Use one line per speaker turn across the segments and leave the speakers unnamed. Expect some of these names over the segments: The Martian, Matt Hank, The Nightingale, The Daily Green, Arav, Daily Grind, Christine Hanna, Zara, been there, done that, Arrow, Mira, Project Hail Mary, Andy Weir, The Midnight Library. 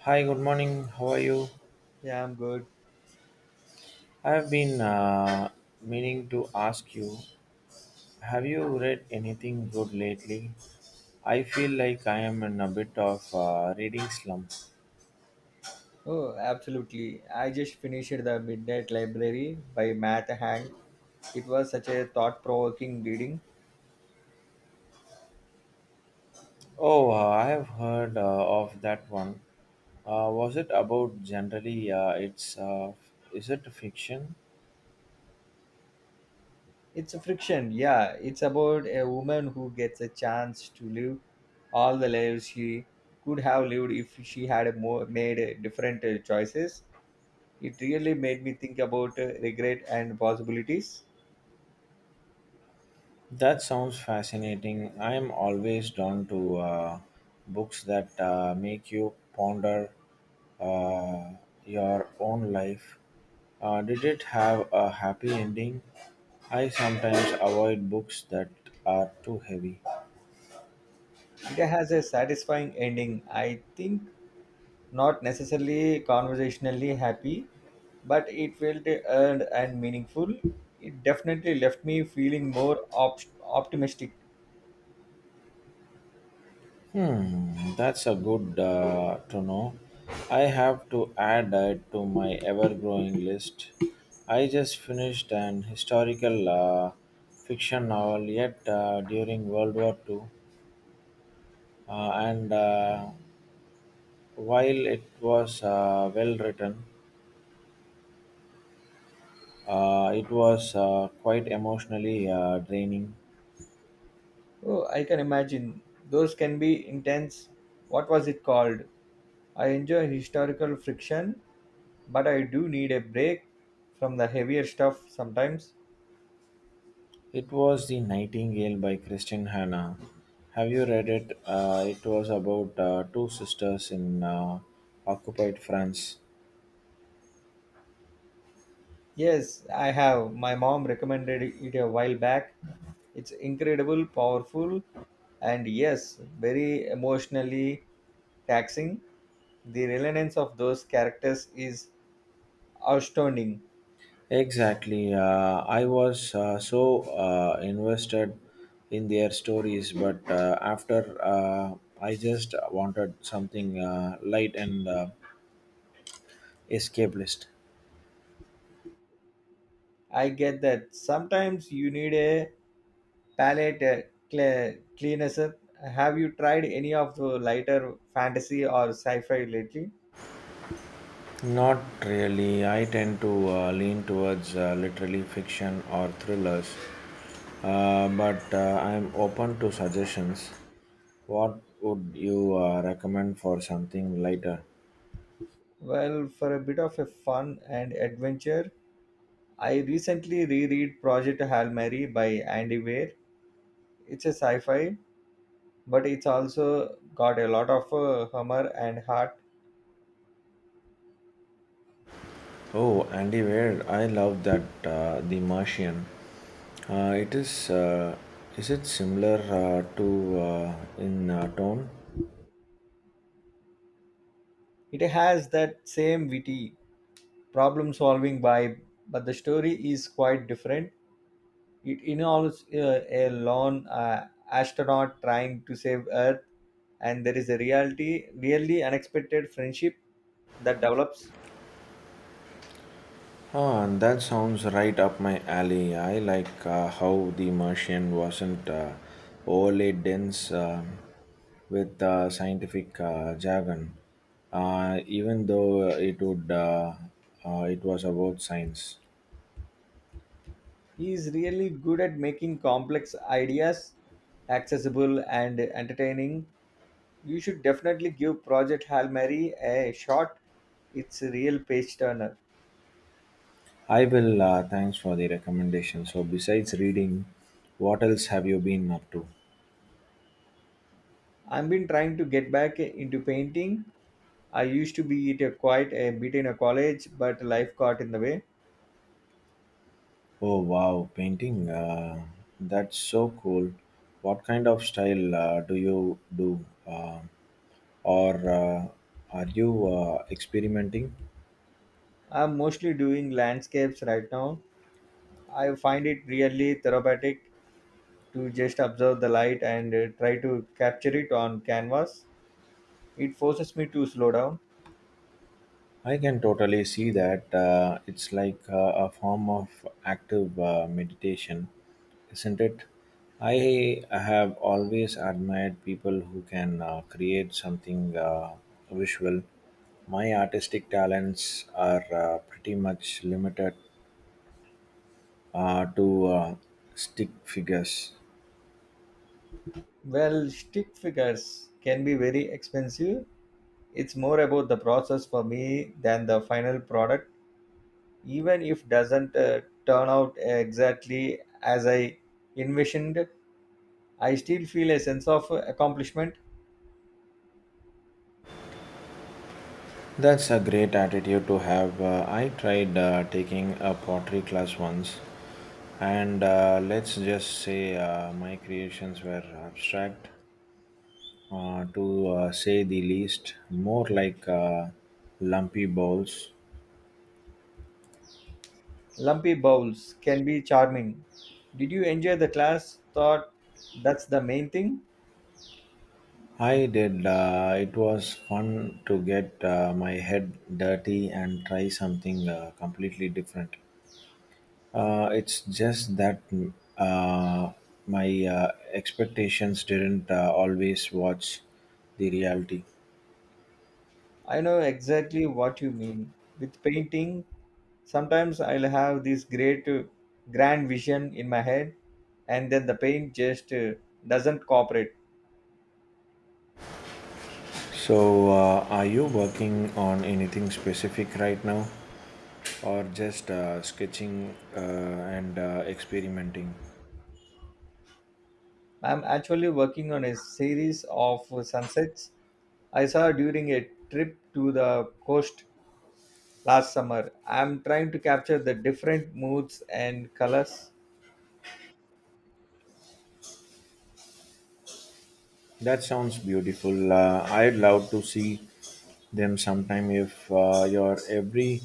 Hi, good morning. How are you?
Yeah, I'm good.
I've been meaning to ask you, have you read anything good lately? I feel like I am in a bit of reading slump.
Oh, absolutely. I just finished The Midnight Library by Matt Hank. It was such a thought provoking reading.
Oh, I have heard of that one. Was it about generally? It's Is it fiction?
It's a friction, yeah. It's about a woman who gets a chance to live all the lives she could have lived if she had more, made different choices. It really made me think about regret and possibilities.
That sounds fascinating. I am always drawn to books that make you ponder uh, your own life. Did it have a happy ending? I sometimes avoid books that are too heavy.
It has a satisfying ending. I think not necessarily conversationally happy, but it felt earned and meaningful. It definitely left me feeling more optimistic.
Hmm, that's a good to know. I have to add it to my ever-growing list. I just finished an historical fiction novel yet during World War Two, and while it was well written, it was quite emotionally draining.
Oh, I can imagine. Those can be intense. What was it called? I enjoy historical friction, but I do need a break from the heavier stuff sometimes.
It was The Nightingale by Christine Hanna. Have you read it? It was about two sisters in occupied France.
Yes, I have. My mom recommended it a while back. It's incredible, powerful, and yes, very emotionally taxing. The relevance of those characters is astounding.
Exactly. I was so invested in their stories, but after I just wanted something light and escapist.
I get that. Sometimes you need a palate cleanser. Have you tried any of the lighter fantasy or sci fi lately?
Not really. I tend to lean towards literary fiction or thrillers, but I'm open to suggestions. What would you recommend for something lighter?
Well, for a bit of a fun and adventure, I recently reread Project Hail Mary by Andy Weir. It's a sci fi, but it's also got a lot of humor and heart.
Oh, Andy Weir, I love that The Martian. It is. Is it similar to in tone?
It has that same witty problem solving vibe, but the story is quite different. It involves a lone astronaut trying to save Earth, and there is really unexpected friendship that develops.
Ah, and that sounds right up my alley. I like how The Martian wasn't overly dense with scientific jargon, even though it would it was about science.
He is really good at making complex ideas accessible and entertaining. You should definitely give Project Hail Mary a shot. It's a real page turner.
I will. Thanks for the recommendation. So, besides reading, what else have you been up to?
I've been trying to get back into painting. I used to be it a quite a bit in a college, but life got in the way.
Oh wow, painting. That's so cool. What kind of style do you do? Or Are you experimenting?
I'm mostly doing landscapes right now. I find it really therapeutic to just observe the light and try to capture it on canvas. It forces me to slow down.
I can totally see that. It's like a form of active meditation, isn't it? I have always admired people who can create something visual. My artistic talents are pretty much limited to stick figures.
Well, stick figures can be very expensive. It's more about the process for me than the final product, even if doesn't turn out exactly as I envisioned. I still feel a sense of accomplishment.
That's a great attitude to have. I tried taking a pottery class once, and let's just say my creations were abstract, to say the least, more like lumpy bowls.
Lumpy bowls can be charming. Did you enjoy the class? Thought that's the main thing?
I did. It was fun to get my head dirty and try something completely different. It's just that uh, my expectations didn't always watch the reality.
I know exactly what you mean. With painting, sometimes I'll have this great, grand vision in my head, and then the paint just doesn't cooperate.
So, are you working on anything specific right now, or just sketching and experimenting?
I'm actually working on a series of sunsets I saw during a trip to the coast last summer. I'm trying to capture the different moods and colors.
That sounds beautiful. I'd love to see them sometime if you're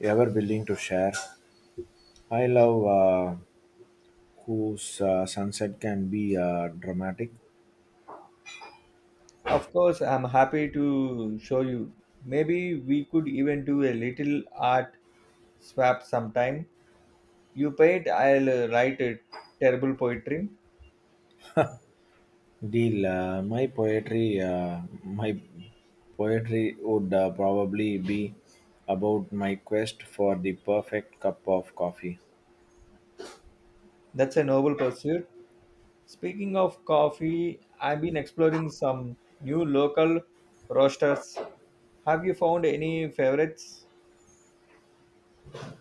ever willing to share. I love whose sunset can be dramatic.
Of course, I'm happy to show you. Maybe we could even do a little art swap sometime. You paint, I'll write a terrible poetry.
Deal. My poetry would probably be about my quest for the perfect cup of coffee.
That's a noble pursuit. Speaking of coffee, I've been exploring some new local roasters. Have you found any favorites?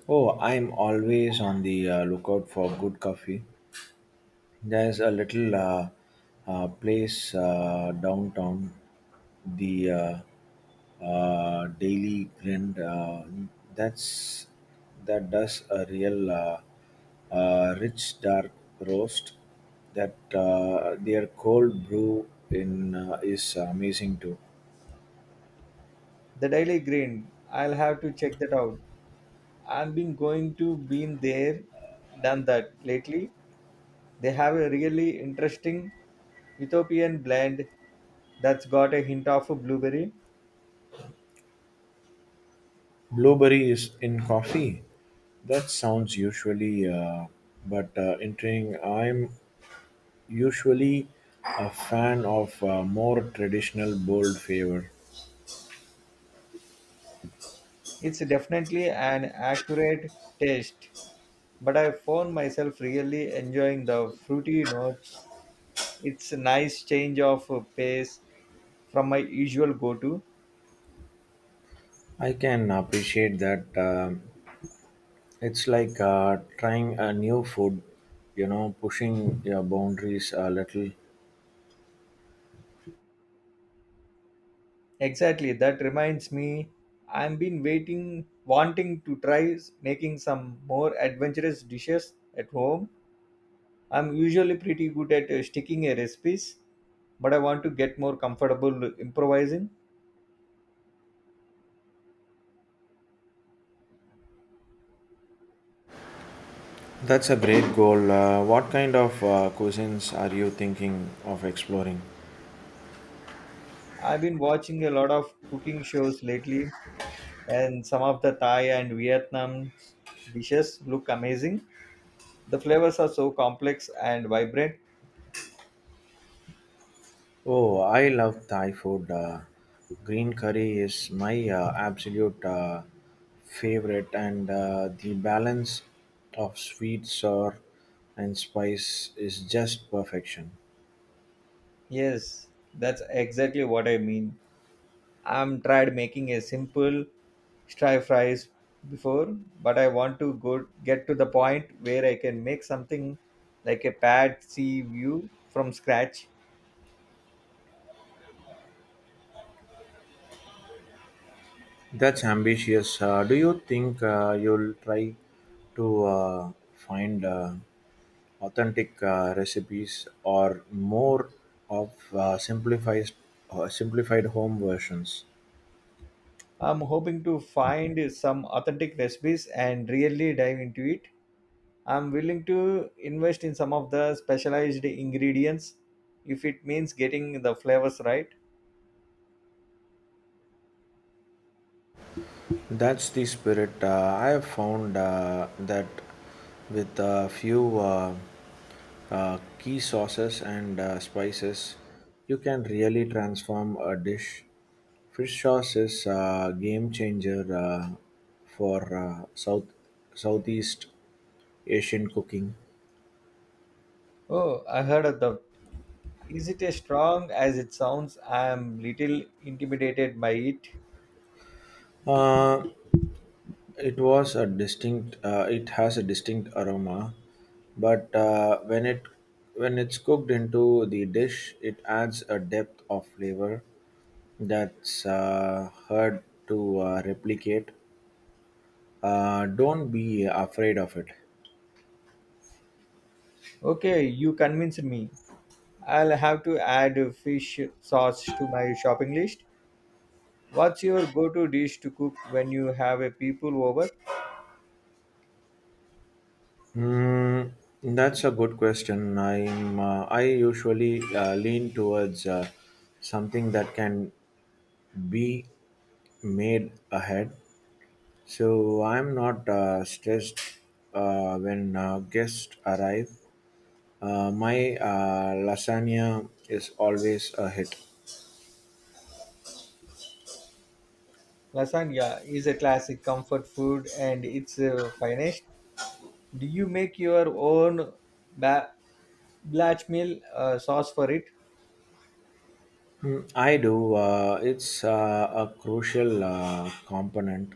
Oh, I'm always on the lookout for good coffee. There's a little place downtown, the Daily Grind. That's that does a real rich dark roast. That their cold brew in is amazing too.
The Daily Green. I'll have to check that out. I've been going to been there, done that lately. They have a really interesting Ethiopian blend that's got a hint of blueberry.
Blueberry is in coffee. That sounds usually, but entering. I'm Usually a fan of more traditional bold flavor.
It's definitely an accurate taste, but I found myself really enjoying the fruity notes. It's a nice change of pace from my usual go to.
I can appreciate that. It's like trying a new food, you know, pushing your boundaries a little.
Exactly. That reminds me, wanting to try making some more adventurous dishes at home. I'm usually pretty good at sticking a recipes, but I want to get more comfortable improvising.
That's a great goal. What kind of cuisines are you thinking of exploring?
I've been watching a lot of cooking shows lately, and some of the Thai and Vietnam dishes look amazing. The flavors are so complex and vibrant.
Oh, I love Thai food. Green curry is my absolute favorite, and the balance of sweet, sour, and spice is just perfection.
Yes, that's exactly what I mean. I'm tried making a simple stir fries before, but I want to go get to the point where I can make something like a pad see view from scratch.
That's ambitious. Do you think you'll try to find authentic recipes or more of simplified home versions?
I'm hoping to find some authentic recipes and really dive into it. I'm willing to invest in some of the specialized ingredients if it means getting the flavors right.
That's the spirit. I have found that with a few key sauces and spices, you can really transform a dish. Fish sauce is a game changer for Southeast Asian cooking.
Oh, I heard of that. Is it as strong as it sounds? I am little intimidated by it.
Uh, It was a distinct. It has a distinct aroma, but when it's cooked into the dish, it adds a depth of flavor that's hard to replicate. Don't be afraid of it.
Okay, you convinced me. I'll have to add fish sauce to my shopping list. What's your go-to dish to cook when you have a people over?
Mm, that's a good question. I usually lean towards something that can be made ahead. So I'm not stressed when guests arrive. My lasagna is always a hit.
Lasagna is a classic comfort food and it's finest. Do you make your own ba- blackmail sauce for it?
I do. It's a crucial component,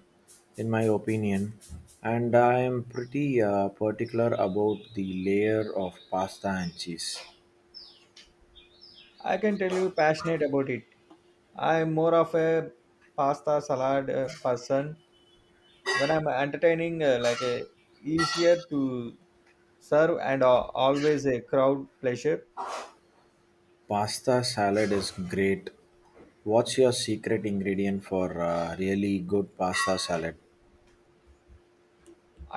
in my opinion, and I am pretty particular about the layer of pasta and cheese.
I can tell you passionate about it. I'm more of a pasta salad person when I'm entertaining, easier to serve and always a crowd pleasure.
Pasta salad is great. What's your secret ingredient for really good pasta salad?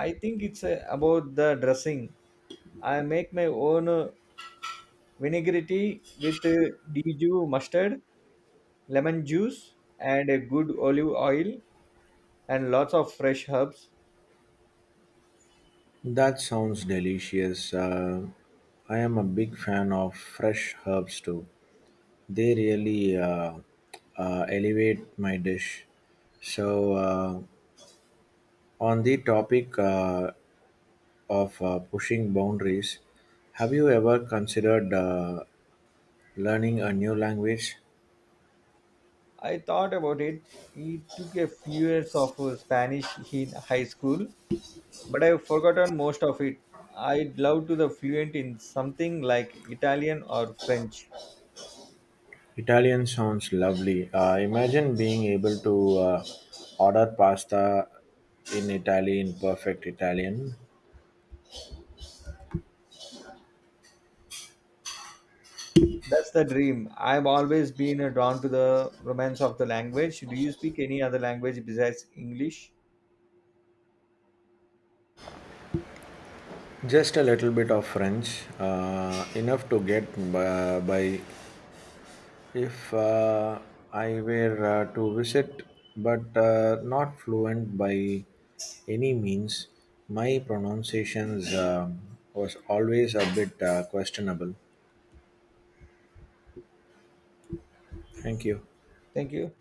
I think it's about the dressing. I make my own vinaigrette with dju mustard, lemon juice, and a good olive oil, and lots of fresh herbs.
That sounds delicious. I am a big fan of fresh herbs too. They really elevate my dish. So, on the topic of pushing boundaries, have you ever considered learning a new language?
I thought about it. It took a few years of Spanish in high school, but I've forgotten most of it. I'd love to the fluent in something like Italian or French.
Italian sounds lovely. Imagine being able to order pasta in Italy in perfect Italian.
That's the dream. I've always been drawn to the romance of the language. Do you speak any other language besides English?
Just a little bit of French, enough to get by. If I were to visit, but not fluent by any means, my pronunciations was always a bit questionable. Thank you.
Thank you.